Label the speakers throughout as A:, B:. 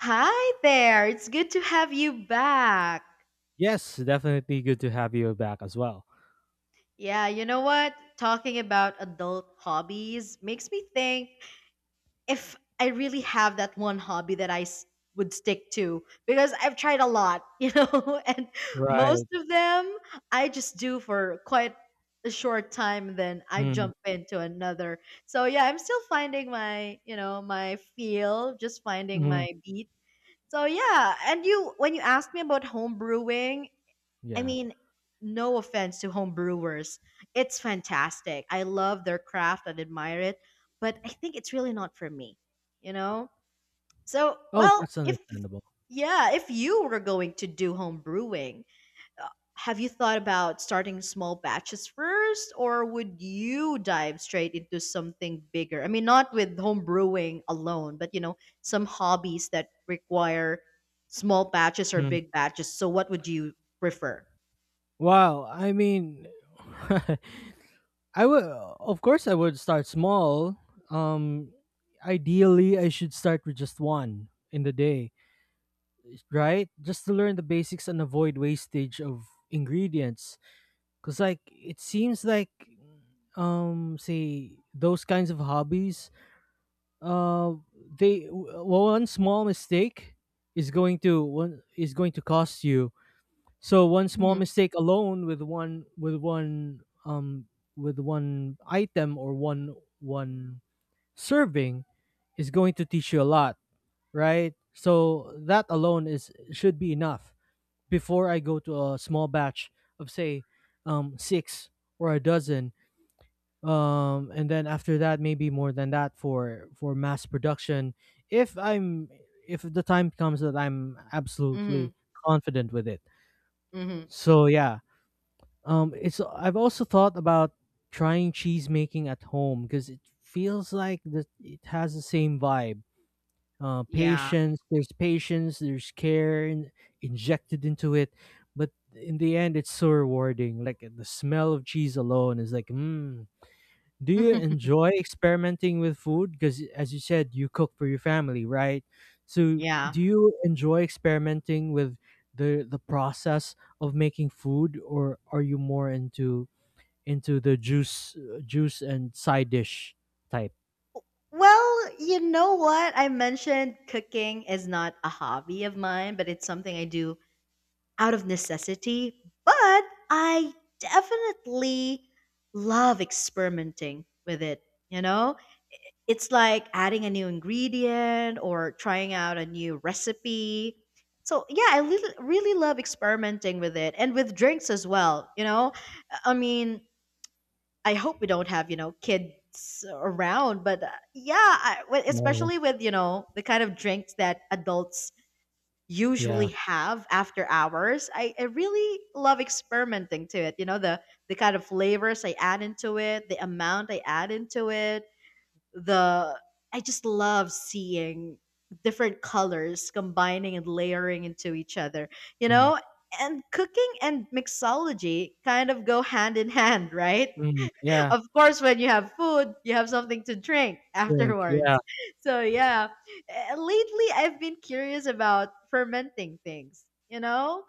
A: Hi there. It's good to have you back.
B: Yes, definitely good to have you back as well.
A: Yeah, you know what? Talking about adult hobbies makes me think if I really have that one hobby that would stick to because I've tried a lot, you know, and most
B: Right.
A: of them I just do for quite a short time then I
B: Mm,
A: jump into another. So yeah, I'm still finding my feel, just finding
B: mm,
A: my beat. So yeah, and you when you asked me about home brewing, I
B: yeah.
A: mean, no offense to home brewers. It's fantastic. I love their craft and admire it, but I think it's really not for me, you know? So,
B: Oh,
A: well,
B: that's
A: if
B: understandable.
A: yeah, if you were going to do home brewing, uh, have you thought about starting small batches first, or would you dive straight into something bigger? I mean, not with home brewing alone, but you know, some hobbies that require small batches or
B: Mm.
A: big batches. So, what would you prefer?
B: Wow. I mean, I would, of course, I would start small. Um, ideally, I should start with just one in the day, right? Just to learn the basics and avoid wastage of ingredients. Cause like it seems like, say those kinds of hobbies, uh one small mistake is going to one is going to cost you. So one small
A: Mm-hmm.
B: mistake alone with one item or one serving is going to teach you a lot, right? So that alone is should be enough before I go to a small batch of, say, six or a dozen, and then after that, maybe more than that for mass production, if i'm if the time comes that I'm
A: Mm-hmm.
B: absolutely confident with it.
A: Mm-hmm.
B: So yeah, it's I've also thought about trying cheese making at home because it feels like that it has the same vibe,
A: Yeah.
B: patience, there's care injected into it, but in the end it's so rewarding. Like the smell of cheese alone is like mm. Do you enjoy experimenting with food? Because as you said, you cook for your family, right? So
A: Yeah.
B: do you enjoy experimenting with the process of making food, or are you more into the juice and side dish type?
A: Well, you know what? I mentioned cooking is not a hobby of mine, but it's something I do out of necessity. But I definitely love experimenting with it. You know, it's like adding a new ingredient or trying out a new recipe. So, yeah, I really, really love experimenting with it and with drinks as well. You know, I mean, I hope we don't have you know kids around, but yeah, I, well,
B: No.
A: especially with you know the kind of drinks that adults usually
B: Yeah.
A: have after hours. I really love experimenting to it. You know the kind of flavors I add into it, the amount I add into it, the I just love seeing different colors combining and layering into each other. You
B: Mhm.
A: know, and cooking and mixology kind of go hand in hand, right?
B: Mm. Yeah.
A: Of course, when you have food, you have something to drink
B: Drink. Yeah.
A: afterwards. So, yeah. Lately, I've been curious about fermenting things, you know,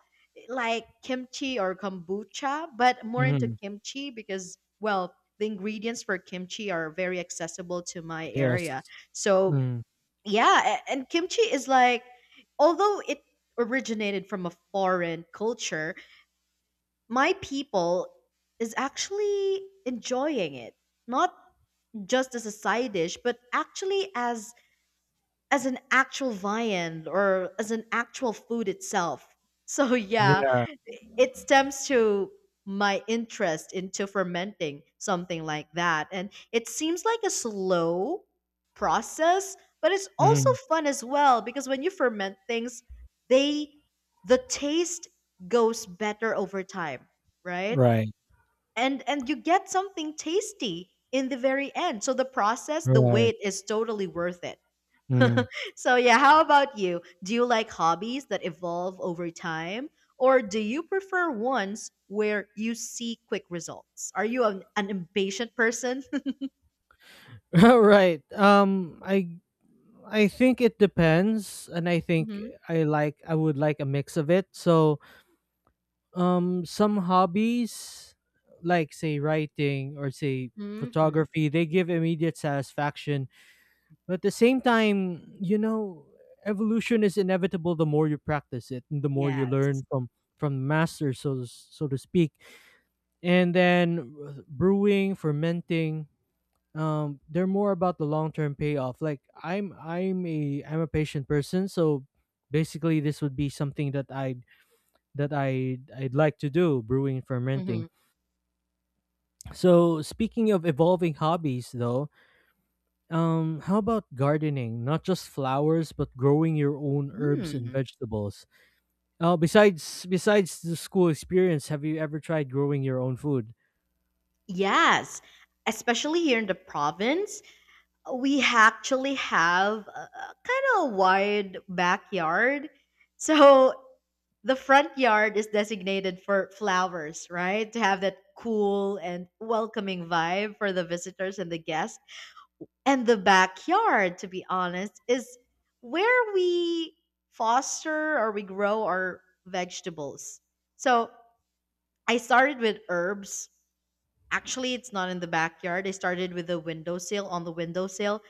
A: like kimchi or kombucha, but more into
B: Hmm.
A: kimchi because, well, the ingredients for kimchi are very accessible to my
B: Yes.
A: area. So,
B: Mm.
A: yeah. And kimchi is like, although it originated from a foreign culture, my people is actually enjoying it not just as a side dish but actually as an actual viand or as an actual food itself. So yeah,
B: Yeah.
A: it stems to my interest into fermenting something like that, and it seems like a slow process but it's also
B: Hmm.
A: fun as well because when you ferment things they the taste goes better over time, right?
B: Right.
A: And you get something tasty in the very end, so the process, the
B: Right.
A: wait is totally worth it.
B: Mm.
A: So yeah, how about you? Do you like hobbies that evolve over time or do you prefer ones where you see quick results? Are you an impatient person?
B: Right. I think it depends, and I think
A: Mhm,
B: I would like a mix of it. So, some hobbies, like say writing or say
A: mhm.
B: photography, they give immediate satisfaction, but at the same time, you know, evolution is inevitable. The more you practice it, and the more you
A: Yes.
B: learn from the master, so to speak, and then brewing, fermenting, they're more about the long term payoff. Like I'm a patient person, so basically this would be something that I I'd, like to do, brewing,
A: Hmm.
B: fermenting. So speaking of evolving hobbies, though, how about gardening, not just flowers but growing your own herbs and
A: Hmm.
B: vegetables? Besides the school experience, have you ever tried growing your own food?
A: Yes. Especially here in the province, we actually have a kind of wide backyard. So the front yard is designated for flowers, right? To have that cool and welcoming vibe for the visitors and the guests. And the backyard, to be honest, is where we foster or we grow our vegetables. So I started with herbs. Actually, it's not in the backyard. I started with the windowsill on the windowsill,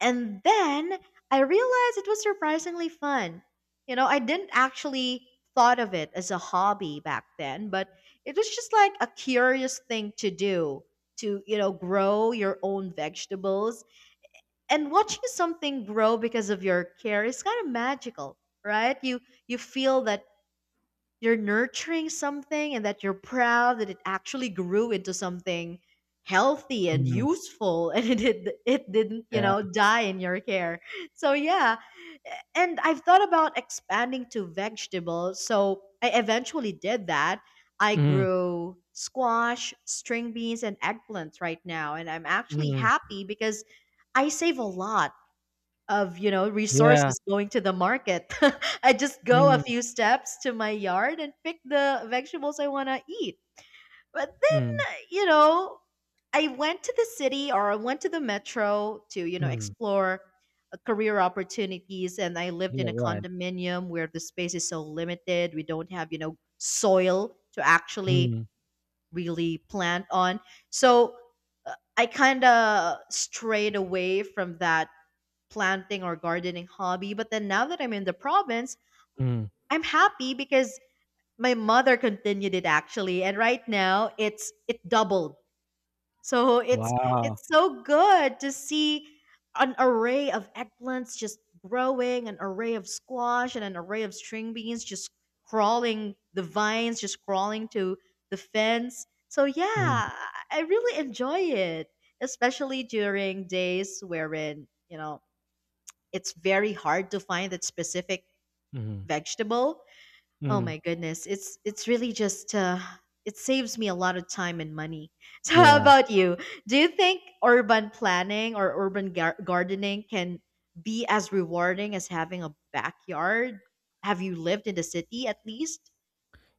A: and then I realized it was surprisingly fun. You know, I didn't actually thought of it as a hobby back then, but it was just like a curious thing to do to, you know, grow your own vegetables, and watching something grow because of your care is kind of magical, right? You feel that you're nurturing something and that you're proud that it actually grew into something healthy and
B: Mm,
A: useful. And it did, it didn't you
B: yeah.
A: know die in your care. So yeah, and I've thought about expanding to vegetables, so I eventually did that. I
B: Mm,
A: grew squash, string beans, and eggplants right now, and I'm actually
B: mm,
A: happy because I save a lot of you know
B: yeah.
A: resources going to the market. I just go a
B: Mm,
A: few steps to my yard and pick the vegetables I want to eat. But
B: mm,
A: then you know, I went to the city or I went to the metro to you know
B: mm.
A: explore career opportunities, and I lived in
B: Yeah,
A: a
B: right.
A: condominium where the space is so limited we don't have you know soil to actually
B: Mm-hmm.
A: really plant on. So I kind of strayed away from that planting or gardening hobby. But then now that I'm in the province,
B: Mm.
A: I'm happy because my mother continued it actually. And right now it's it doubled. So
B: Wow.
A: it's so good to see an array of eggplants just growing, an array of squash, and an array of string beans just crawling the vines, just crawling to the fence. So
B: Mhm,
A: yeah, I really enjoy it, especially during days wherein, you know, it's very hard to find that specific
B: mhm,
A: vegetable. Oh
B: mhm.
A: my goodness, it's really just it saves me a lot of time and money. So how
B: Yeah,
A: about you? Do you think urban planning or urban gardening can be as rewarding as having a backyard? Have you lived in the city at least?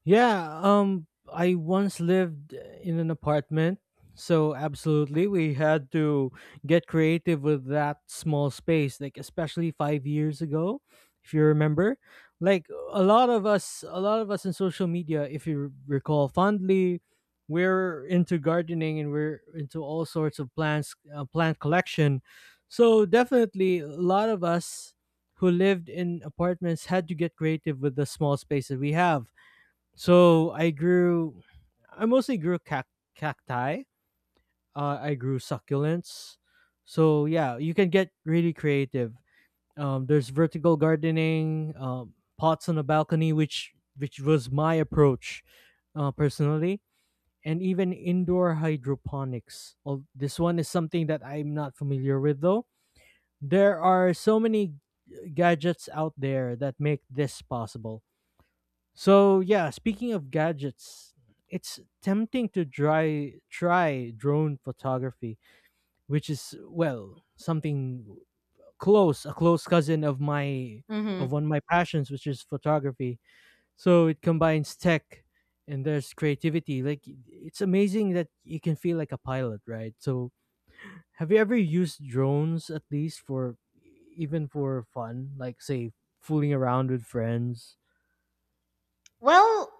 B: yeah, I once lived in an apartment, so absolutely we had to get creative with that small space, like especially 5 years ago, if you remember. Like a lot of us in social media, if you recall fondly, we're into gardening and we're into all sorts of plant collection. So definitely a lot of us who lived in apartments had to get creative with the small space that we have. So I mostly grew cacti. I grew succulents. So yeah, you can get really creative. There's vertical gardening, pots on a balcony, which was my approach, personally, and even indoor hydroponics. This one is something that I'm not familiar with, though. There are so many gadgets out there that make this possible. So yeah, speaking of gadgets, it's tempting to try drone photography, which is, well, something a close cousin of my of
A: Hmm.
B: one of my passions, which is photography. So it combines tech, and there's creativity. Like, it's amazing that you can feel like a pilot, right? So have you ever used drones, at least for even for fun, like say fooling around with friends?
A: Well,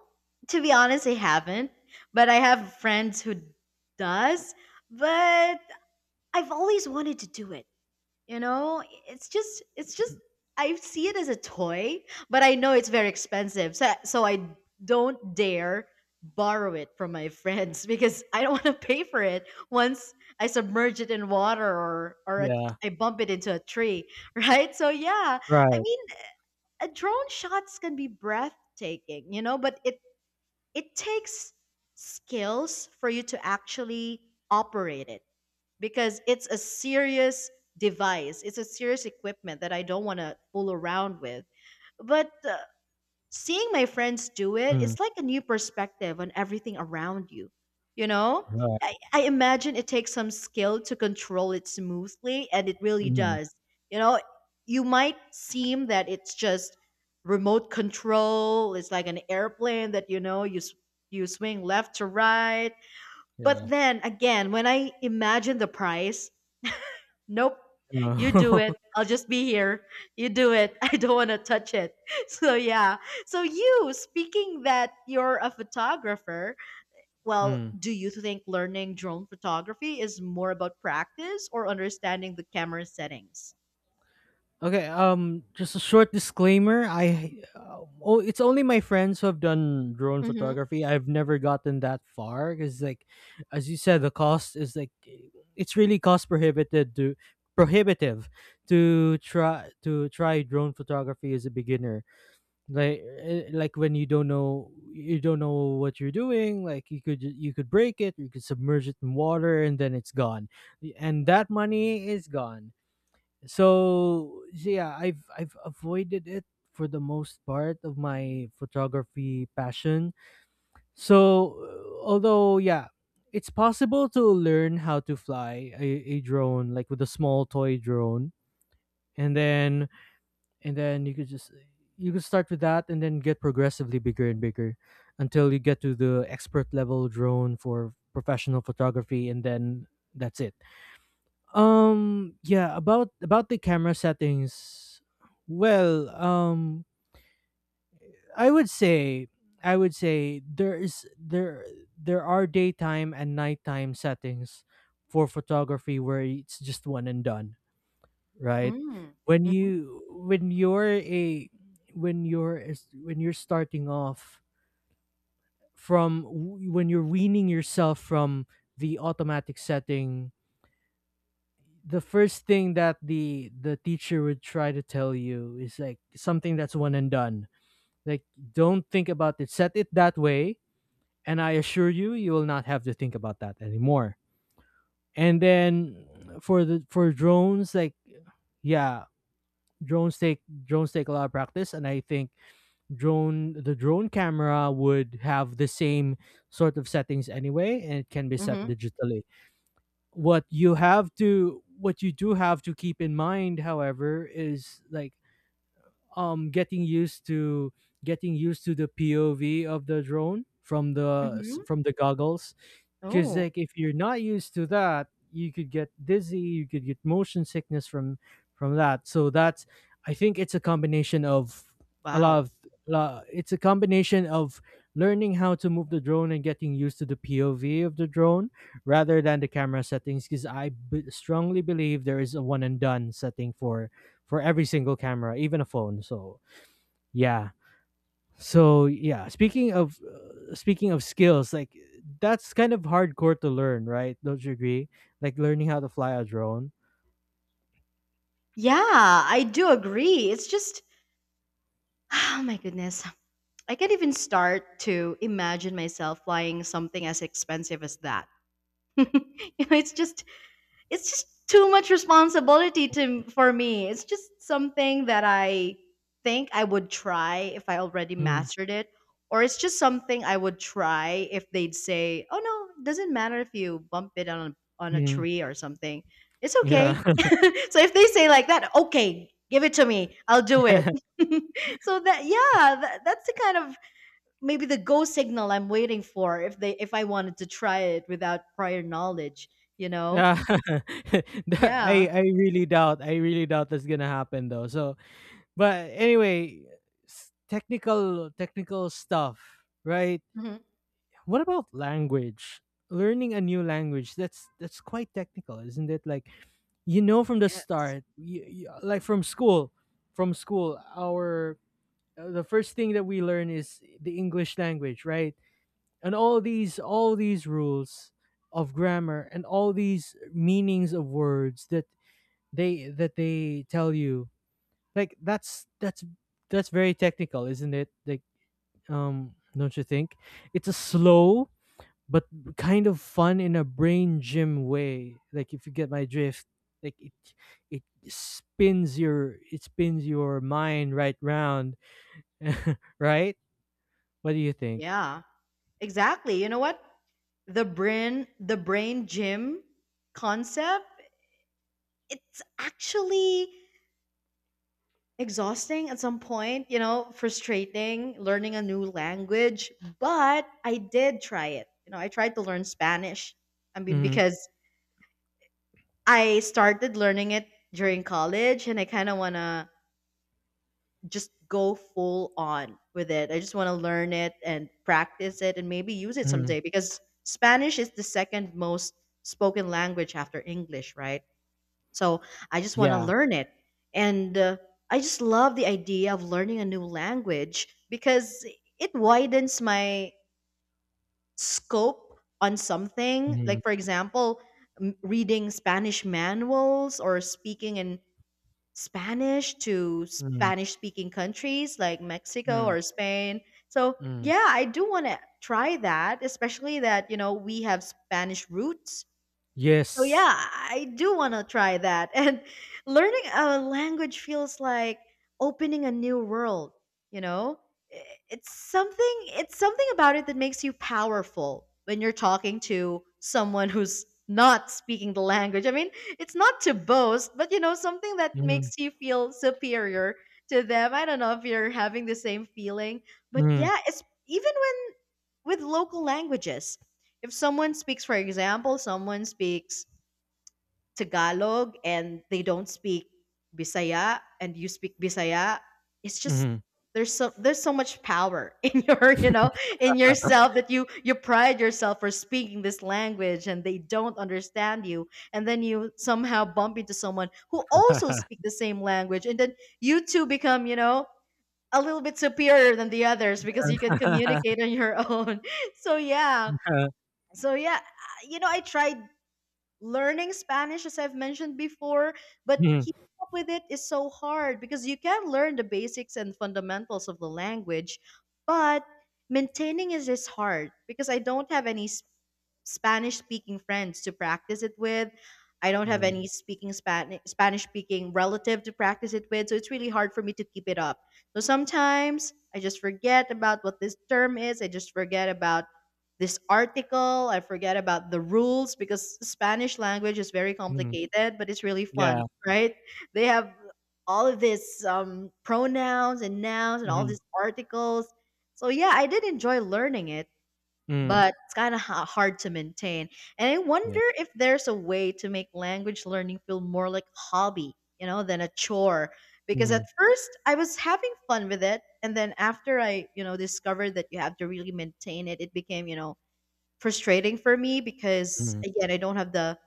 A: to be honest, I haven't, but I have friends who does. But I've always wanted to do it. You know, it's just I see it as a toy, but I know it's very expensive. So I don't dare borrow it from my friends because I don't want to pay for it once I submerge it in water or a,
B: Yeah.
A: I bump it into a tree, right? So yeah, I
B: Right.
A: mean, a drone shots can be breathtaking, you know, but it takes skills for you to actually operate it because it's a serious device. It's a serious equipment that I don't want to fool around with. But seeing my friends do it,
B: Mm.
A: it's like a new perspective on everything around you. You know, I imagine it takes some skill to control it smoothly, and it really
B: Mhm.
A: does. You know, you might seem that it's just remote control. It's like an airplane that you know you swing left to right. But
B: Yeah.
A: then again, when I imagine the price, nope. You do
B: Oh.
A: it. I'll just be here. You do it. I don't want to touch it. So yeah. So you speaking that you're a photographer, well,
B: Mm.
A: do you think learning drone photography is more about practice or understanding the camera settings?
B: Okay, just a short disclaimer. I oh it's only my friends who have done drone
A: Mhm.
B: photography. I've never gotten that far, cuz like, as you said, the cost is like, it's really cost prohibited to prohibitive to try drone photography as a beginner. Like, like, when you don't know what you're doing. Like, you could break it, you could submerge it in water, and then it's gone, and that money is gone. So yeah, I've avoided it for the most part of my photography passion. So although, yeah, it's possible to learn how to fly a drone, like with a small toy drone, and then and then you could just you could start with that and then get progressively bigger and bigger until you get to the expert level drone for professional photography, and then that's it. Yeah, about the camera settings, well, i would say I would say there is there there are daytime and nighttime settings for photography where it's just one and done, right?
A: Mm.
B: When
A: Mhm.
B: you, when you're starting off, from when you're weaning yourself from the automatic setting, the first thing that the teacher would try to tell you is like something that's one and done, like, don't think about it, set it that way, and I assure you, you will not have to think about that anymore. And then for the for drones, like, yeah, drones take a lot of practice, and I think drone the drone camera would have the same sort of settings anyway, and it can be set
A: Mhm.
B: digitally. What you have to, what you do have to keep in mind, however, is like, um getting used to getting used to the POV of the drone from
A: Mhm.
B: from the goggles. 'Cause,
A: Oh,
B: like, if you're not used to that, you could get dizzy, you could get motion sickness from that. So that's, I think, it's a combination of a lot
A: wow.
B: of la it's a combination of learning how to move the drone and getting used to the POV of the drone rather than the camera settings. Because I b strongly believe there is a one and done setting for every single camera, even a phone, so yeah. So yeah, speaking of skills, like, that's kind of hardcore to learn, right? Don't you agree? Like, learning how to fly a drone.
A: Yeah, I do agree. It's just oh my goodness. I can't even start to imagine myself flying something as expensive as that. You know, it's just too much responsibility to for me. It's just something that I think I would try if I already
B: Mm,
A: mastered it, or it's just something I would try if they'd say, "Oh no, it doesn't matter if you bump it on a
B: mm,
A: tree or something. It's okay."
B: yeah.
A: So if they say like that, okay, give it to me. I'll do it. So that yeah, that's the kind of maybe the go signal I'm waiting for if they if I wanted to try it without prior knowledge, you know?
B: Yeah. That- I
A: Yeah.
B: I really doubt. I really doubt that's gonna happen, though. So, but anyway, technical stuff, right?
A: Mhm.
B: What about language? Learning a new language, that's quite technical, isn't it? Like, you know, from the
A: Yes.
B: start, you, like, from school, our the first thing that we learn is the English language, right? And all these rules of grammar, and all these meanings of words that they tell you. Like, that's very technical, isn't it? Like, don't you think it's a slow but kind of fun in a brain gym way? Like, if you get my drift, like, it it spins your mind right round, right? What do you think?
A: Yeah. Exactly. You know what? The brain gym concept, it's actually exhausting at some point, you know, frustrating learning a new language, but I did try it. You know, I tried to learn Spanish. I mean
B: Mm-hmm.
A: because I started learning it during college and I kind of want to just go full on with it. I just want to learn it and practice it and maybe use it
B: Hmm.
A: someday because Spanish is the second most spoken language after English, right? So I just want to
B: Yeah.
A: learn it. And I just love the idea of learning a new language because it widens my scope on something.
B: Mm-hmm.
A: Like, for example, reading Spanish manuals or speaking in Spanish to
B: Hmm.
A: Spanish speaking countries like Mexico
B: Hmm.
A: or Spain. So,
B: Hmm.
A: yeah, I do want to try that, especially that, you know, we have Spanish roots. So
B: Yes.
A: yeah, I do want to try that. And learning a language feels like opening a new world, you know? I- it's something about it that makes you powerful when you're talking to someone who's not speaking the language. I mean, it's not to boast, but you know, something that
B: Mm-hmm.
A: makes you feel superior to them. I don't know if you're having the same feeling, but
B: Hmm.
A: yeah, it's even when with local languages. If someone speaks, for example, someone speaks Tagalog and they don't speak Bisaya and you speak Bisaya, it's
B: Hmm.
A: just
B: Mm.
A: there's so much power in your in yourself that you pride yourself for speaking this language and they don't understand you, and then you somehow bump into someone who also speak the same language, and then you two become, a little bit superior than the others because you can communicate on your own. So yeah so yeah I- you know I tried learning Spanish, as I've mentioned before, but
B: Mm. Mm.
A: keeping up with it is so hard because you can learn the basics and fundamentals of the language, but maintaining it is hard because I don't have any Spanish speaking friends to practice it with. I don't have any speaking Spanish speaking relative to practice it with, so it's really hard for me to keep it up. So sometimes I just forget about what this term is. I just forget about this article. I forget about the rules because Spanish language is very complicated, but it's really fun,
B: Yeah.
A: right? They have all of this pronouns and nouns and all
B: Mm-hmm.
A: these articles. So yeah, I did enjoy learning it,
B: Mm-hmm.
A: but it's kind of hard to maintain. And I wonder
B: Yeah.
A: if there's a way to make language learning feel more like a hobby, than a chore. Because at
B: Mm-hmm.
A: first I was having fun with it, and then after I, discovered that you have to really maintain it, it became, frustrating for me because
B: Mm-hmm.
A: again I don't have the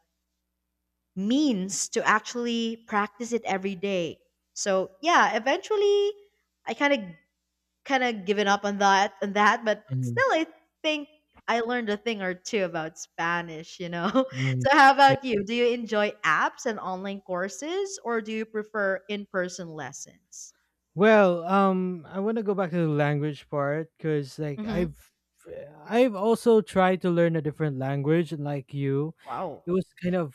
A: means to actually practice it every day. So yeah, eventually I kind of given up on that, but
B: Mm-hmm.
A: still I think I learned a thing or two about spanish,
B: Mm-hmm.
A: so how about you? Do you enjoy apps and online courses, or do you prefer in-person lessons?
B: Well, I want to go back to the language part because, like,
A: Hmm.
B: I've also tried to learn a different language, and like you,
A: Wow.
B: it was kind of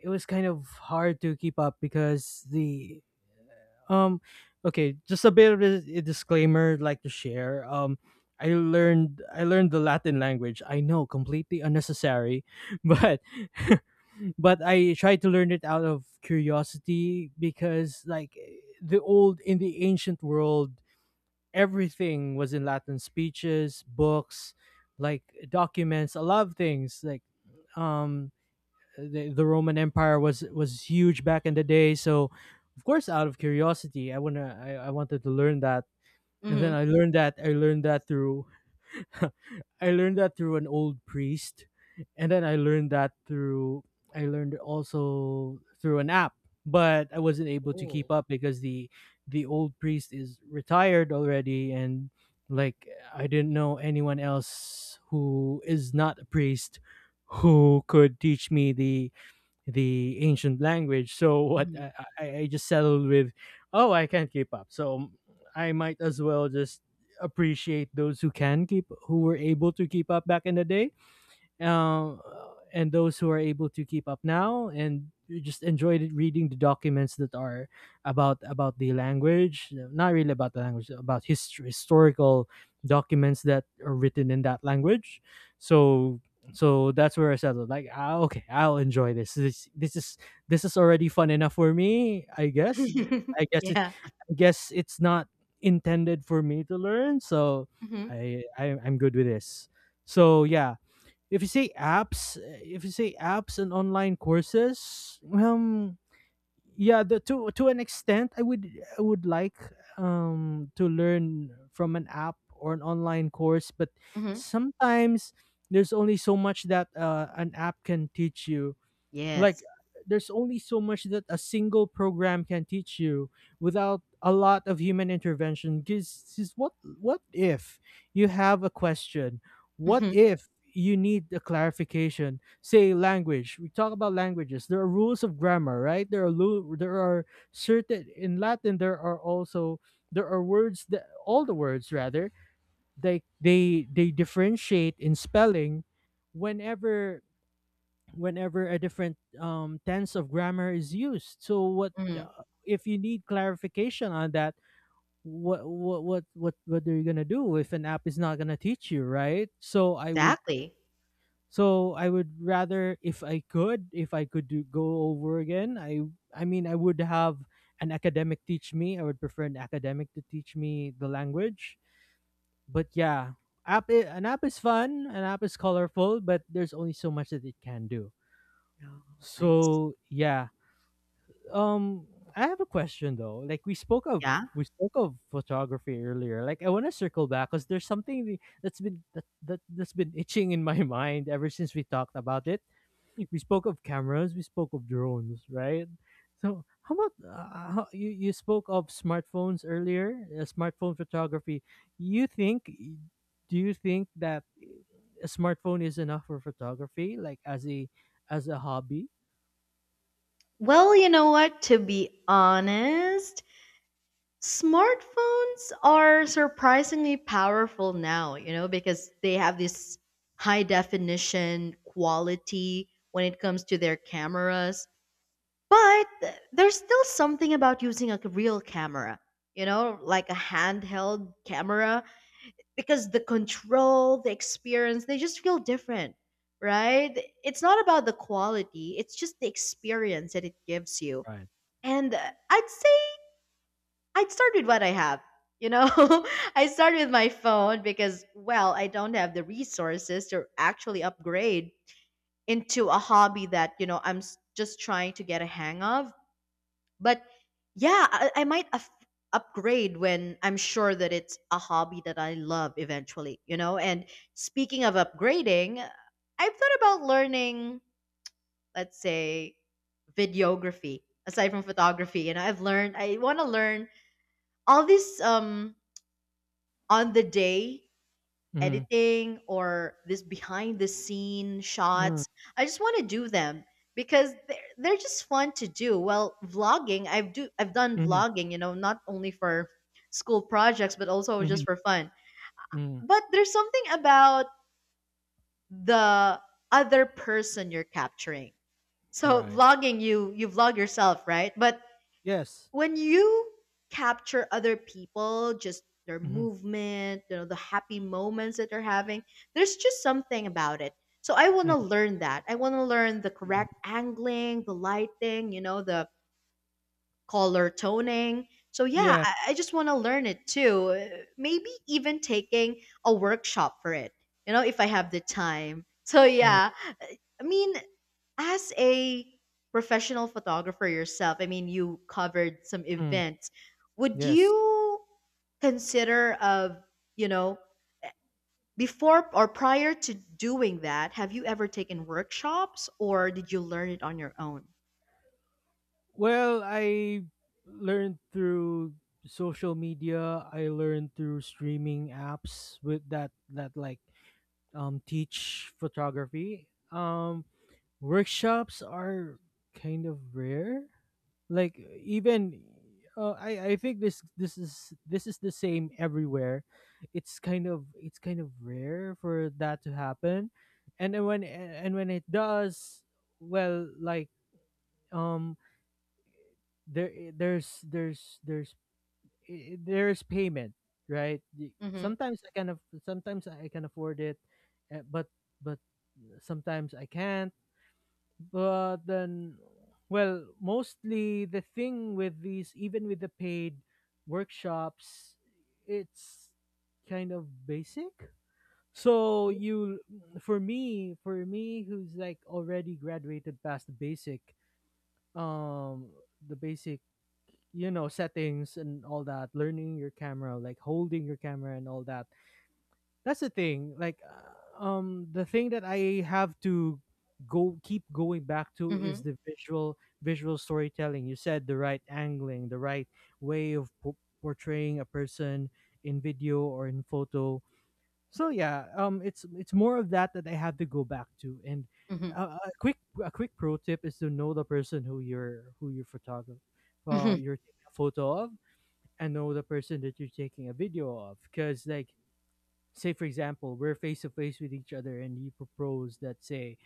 B: it was kind of hard to keep up because the um, okay, just a bit of a disclaimer I'd like to share. I learned the Latin language. I know, completely unnecessary, but but I tried to learn it out of curiosity because, like, the old in the ancient world, everything was in Latin: speeches, books, like documents, a lot of things. Like, um the Roman Empire was huge back in the day. So, of course, out of curiosity, I wanted to learn that, and then
A: Hmm.
B: I learned that through I learned that through an old priest, and then I learned it also through an app, but I wasn't able to
A: Ooh.
B: keep up because the old priest is retired already. And like, I didn't know anyone else who is not a priest who could teach me the ancient language. So what
A: Mhm.
B: I just settled with, oh, I can't keep up. So I might as well just appreciate those who can keep, who were able to keep up back in the day um, and those who are able to keep up now and you just reading the documents that are about the language, not really about the language, about historical documents that are written in that language. So so that's where I settled like, ah, okay, I'll enjoy this. This this is this is already fun enough for me, I guess. I guess it
A: Yeah.
B: I guess it's not intended for me to learn. So
A: Hmm.
B: i, I'm good with this. So yeah, if you say apps and online courses, yeah, to an extent, I would like to learn from an app or an online course, but
A: Hmm.
B: sometimes there's only so much that an app can teach you. Like,
A: Yes.
B: there's only so much that a single program can teach you without a lot of human intervention. Because what— what if you have a question? What
A: Mm-hmm.
B: if you need a clarification? Say, language, we talk about languages, there are rules of grammar, right? There are certain— in Latin there are also— there are words that— all the words rather, they differentiate in spelling whenever— whenever a different tense of grammar is used. So what—
A: Mm-hmm.
B: if you need clarification on that? What are you gonna do if an app is not gonna teach you, right?
A: Exactly.
B: So I would rather, if I could, if I could do, go over again. I mean, I would have an academic teach me. I would prefer an academic to teach me the language. But yeah, an app is fun, an app is colorful, but there's only so much that it can do.
A: Oh, I see.
B: So yeah. Um, I have a question though. Like,
A: Yeah.
B: we spoke of photography earlier. Like, I want to circle back because there's something that's been— that's been itching in my mind ever since we talked about it. We spoke of cameras. We spoke of drones, right? So how about, you? You spoke of smartphones earlier. Smartphone photography. You think? Do you think that a smartphone is enough for photography? Like as a— as a hobby?
A: Well, you know what? To be honest, smartphones are surprisingly powerful now, you know, because they have this high definition quality when it comes to their cameras. But there's still something about using a real camera, you know, like a handheld camera, because the control, the experience, they just feel different, right? It's not about the quality, it's just the experience that it gives you.
B: Right.
A: And I'd say I'd start with what I have. You know, I start with my phone because, well, I don't have the resources to actually upgrade into a hobby that, you know, just trying to get a hang of. But yeah, I might upgrade when I'm sure that it's a hobby that I love eventually, you know? And speaking of upgrading, I've thought about learning, let's say, videography aside from photography. And I've learned, I want to learn all these on the day
B: Mm-hmm.
A: editing or this behind the scene shots. I just want to do them because they're just fun to do. Well, vlogging, I've done vlogging, you know, not only for school projects but also just
B: Mhm,
A: for fun.
B: mm,
A: But there's something about the other person you're capturing. So
B: right.
A: vlogging, you vlog yourself, right? But
B: Yes.
A: when you capture other people, just their
B: Mhm.
A: movement, you know, the happy moments that they're having, there's just something about it. So I want
B: Hmm.
A: to learn that. I want to learn the correct angling, the lighting, you know, the color toning. So yeah,
B: Yeah.
A: I just want to learn it too. Maybe even taking a workshop for it, you know, if I have the time. So
B: Mm,
A: yeah, I mean, as a professional photographer yourself, I mean, you covered some
B: mm,
A: events. Would
B: yes.
A: you consider of, you know, before or prior to doing that, have you ever taken workshops, or did you learn it on your own?
B: Well, I learned through social media. I learned through streaming apps with that that like teach photography. Um, workshops are kind of rare, like, even I think this is the same everywhere. It's kind of rare for that to happen, and then when it does, well, like, um, there there's there's there's there's payment, right?
A: Mhm.
B: Sometimes I can sometimes I can afford it, but— but sometimes I can't. But then, well, mostly the thing with these, even with the paid workshops, it's kind of basic. So you— for me, for me who's like already graduated past the basic, um the basic, you know, settings and all that, learning your camera, like holding your camera and all that. That's the thing. Like, the thing that I have to— go, keep going back to,
A: Mhm.
B: is the visual— visual storytelling. You said the right angling, the right way of portraying a person in video or in photo. So yeah, um, it's— it's more of that that I have to go back to. And
A: Mhm.
B: a quick— a quick pro tip is to know the person who you're— who you're photographer— well,
A: Mhm.
B: you're taking a photo of, and know the person that you're taking a video of. Because like, say for example, we're face to face with each other and you propose that, say,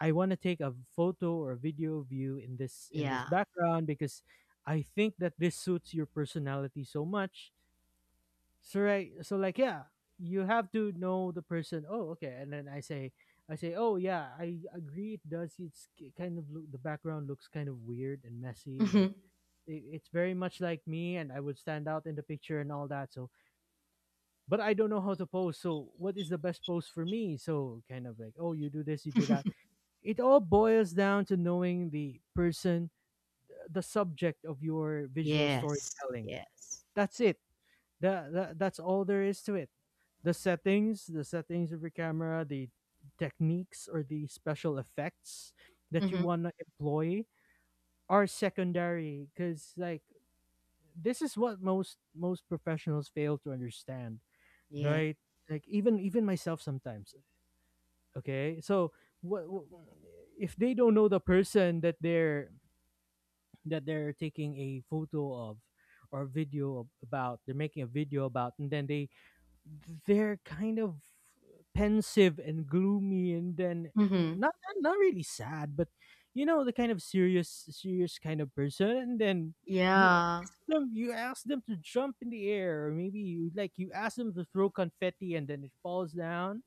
B: I want to take a photo or a video of you in this
A: Yeah.
B: background because I think that this suits your personality so much. So right, so like, yeah, you have to know the person. Oh, okay. And then I say— I say, oh yeah, I agree, it does, it's kind of look— the background looks kind of weird and messy like,
A: Mhm.
B: it, it's very much like me and I would stand out in the picture and all that. So but I don't know how to pose. So what is the best pose for me? So kind of like, oh, you do this, you do that. It all boils down to knowing the person, the subject of your visual
A: Yes.
B: storytelling.
A: Yes.
B: That's it. That's all there is to it. The settings of your camera, the techniques or the special effects that you
A: Mhm.
B: want to employ are secondary. Because like, this is what most professionals fail to understand,
A: Yeah.
B: right? Like, even myself sometimes. Okay, so what if they don't know the person that they're— that they're taking a photo of or video about? They're making a video about, and then they— they're kind of pensive and gloomy, and then
A: Mhm.
B: not really sad, but you know, the kind of serious kind of person, and then you
A: Yeah.
B: ask them— you ask them to jump in the air, or maybe you like— you ask them to throw confetti and then it falls down,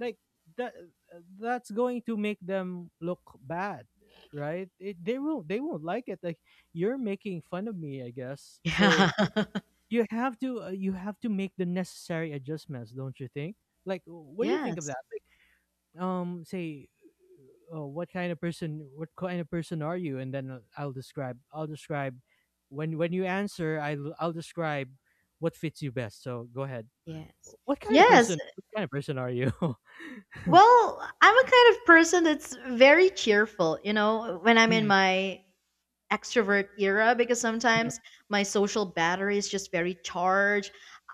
B: like, that— that's going to make them look bad, right? It, they won't— they won't like it. Like, you're making fun of me, I guess. So you have to, you have to make the necessary adjustments, don't you think? Like, what do you
A: Yeah.
B: think of
A: Yes.
B: that? Like, um, say, what kind of person— what kind of person are you? And then, I'll describe— I'll describe— when— when you answer, I'll— I'll describe what fits you best. So go ahead.
A: Yes.
B: What kind of
A: Yes.
B: person— what kind of person are you?
A: Well, I'm a kind of person that's very cheerful, you know, when I'm in my extrovert era, because sometimes my social battery is just very charged.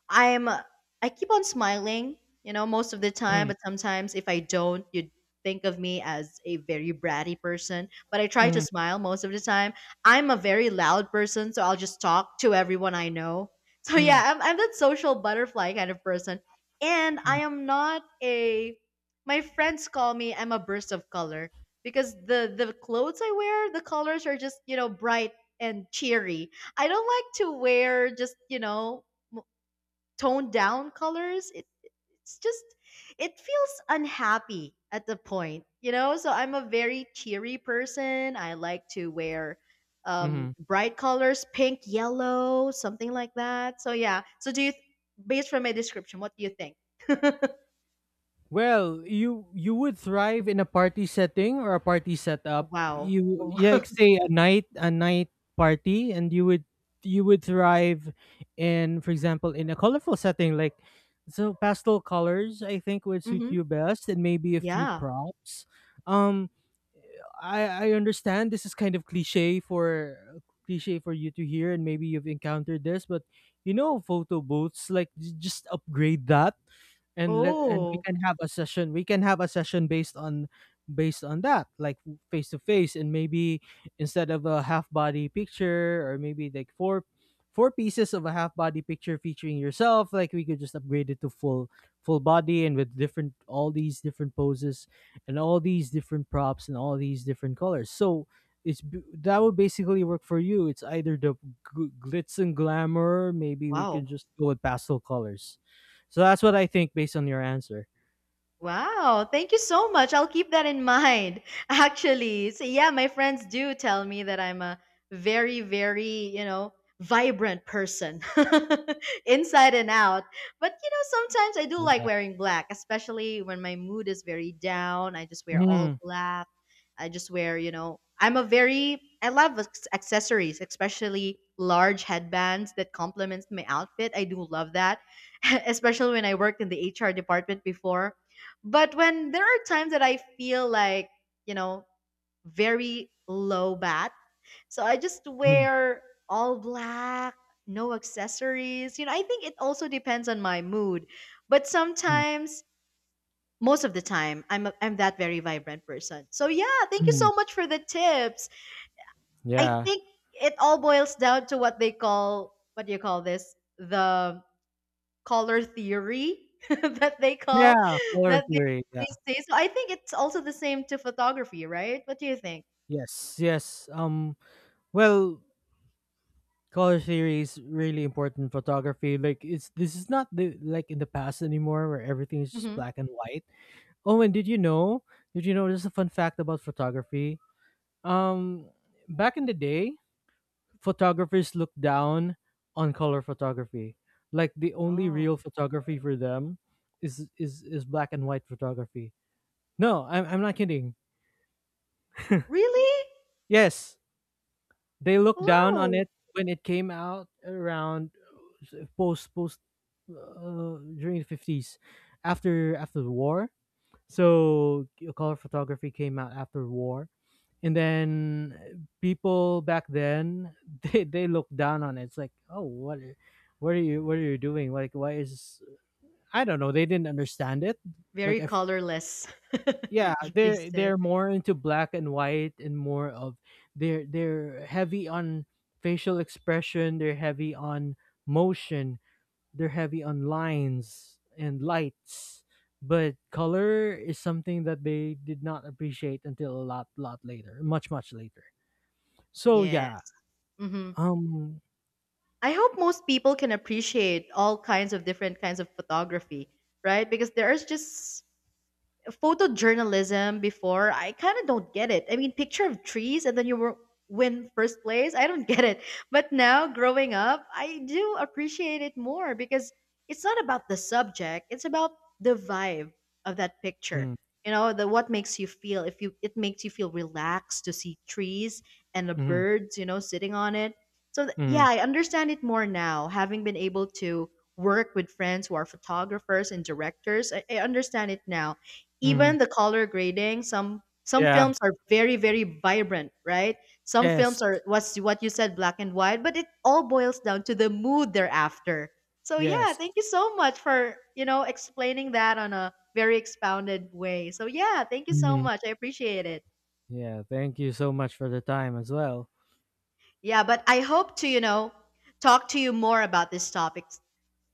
A: I'm I keep on smiling, you know, most of the time, but sometimes if I don't, you think of me as a very bratty person, but I
B: Mm,
A: try
B: mm,
A: to
B: mm,
A: smile most of the time. I'm a very loud person, so I'll just talk to everyone I know. So yeah,
B: mm.
A: I'm that social butterfly kind of person. And I
B: Mm,
A: am not a my friends call me I'm a burst of color because the clothes I wear, the colors are just, you know, bright and cheery. I don't like to wear just, you know, m- toned down colors. It it's just it feels unhappy at the point, you know. So I'm a very cheery person. I like to wear
B: mhm.
A: bright colors, pink, yellow, something like that. So yeah, so do you based from my description what do you think?
B: Well, you— you would thrive in a party setting or a party setup.
A: Wow.
B: You— yeah, like, say a night— a night party, and you would— you would thrive in, for example, in a colorful setting, like, so pastel colors, I think, would suit
A: Hmm.
B: you best, and maybe a few
A: Yeah.
B: props. Um, I understand this is kind of cliche for— cliche for you to hear, and maybe you've encountered this, but, you know, photo booths, like, just upgrade that. And let— and we
A: Oh,
B: can have a session— we can have a session based on— based on that, like, face to face. And maybe instead of a half body picture, or maybe like four— four pieces of a half body picture featuring yourself, like, we could just upgrade it to full— full body, and with different— all these different poses, and all these different props, and all these different colors. So it's that would basically work for you. It's either the glitz and glamour— maybe we
A: wow.
B: can just go with pastel colors. So that's what I think, based on your answer.
A: Wow, thank you so much. I'll keep that in mind. Actually, so yeah, my friends do tell me that I'm a very, very, you know, vibrant person inside and out. But, you know, sometimes I do like
B: Yeah.
A: wearing black, especially when my mood is very down. I just wear all
B: Mm,
A: black. I just wear, you know, I'm a very, I love accessories, especially large headbands that complements my outfit. I do love that, especially when I worked in the HR department before. But when there are times that I feel like, you know, very low bat, so I just
B: mm,
A: wear all black, no accessories. You know, I think it also depends on my mood. But
B: mm,
A: sometimes, most of the time, I'm that very vibrant person. So yeah, thank you
B: mm.
A: so much for the tips. I
B: Yeah.
A: think it all boils down to what they call, what do you call this? The color theory that they call
B: Yeah, color
A: that
B: theory. Yeah.
A: they say. So I think it's also the same to photography, right? What do you think?
B: Yes. Yes. Um, well, color theory is really important in photography. Like, it's— this is not the— like in the past anymore where everything is just
A: Hmm.
B: black and white. Oh, and did you know? Did you know this is a fun fact about photography? Um, back in the day, photographers look down on color photography. Like, the only
A: Oh,
B: real photography for them is black and white photography. No, I'm— I'm not kidding.
A: really?
B: Yes, they look down on
A: Wow.
B: it when it came out around post— during the fifties, after— after the war. So color photography came out after war, and then people back then they— they looked down on it. It's like, oh, what, what are you— what are you doing? Like, why is— I don't know. They didn't understand it. Like,
A: Very
B: if—
A: colorless,
B: yeah,
A: they
B: they're—
A: said.
B: they're more into black and white, and more of— they're— they're heavy on facial expression. They're heavy on motion. They're heavy on lines and lights. But color is something that they did not appreciate until a lot, lot later, much, much later. So, yeah,
A: Yes. Hmm.
B: um,
A: I hope most people can appreciate all kinds of different kinds of photography, right? Because there is just photojournalism before. I kind of don't get it. I mean, picture of trees, and then you win first place. I don't get it. But now growing up, I do appreciate it more because it's not about the subject, it's about the vibe of that picture.
B: mm,
A: You know, the what makes you feel, if you it makes you feel relaxed to see trees and the
B: mhm,
A: birds, you know, sitting on it. So yeah,
B: mhm,
A: I understand it more now, having been able to work with friends who are photographers and directors. I understand it now,
B: mhm.
A: even the color grading. Some
B: Yeah.
A: films are very, very vibrant, right? Some
B: Yes,
A: films are what's what you said, black and white, but it all boils down to the mood they're after. So yeah,
B: yes.
A: thank you so much for, you know, explaining that on a very expounded way. So yeah, thank you so
B: Mhm.
A: much, I appreciate it.
B: Yeah, thank you so much for the time as well.
A: Yeah, but I hope to, you know, talk to you more about this topic,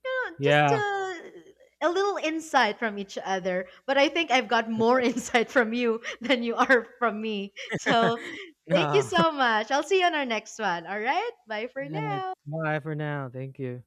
A: you know, just
B: Yeah.
A: a little insight from each other. But I think I've got more insight from you than you are from me. So thank you
B: No.
A: so much. I'll see you on our next one. All right. Bye for
B: Right.
A: now.
B: Bye for now. Thank you.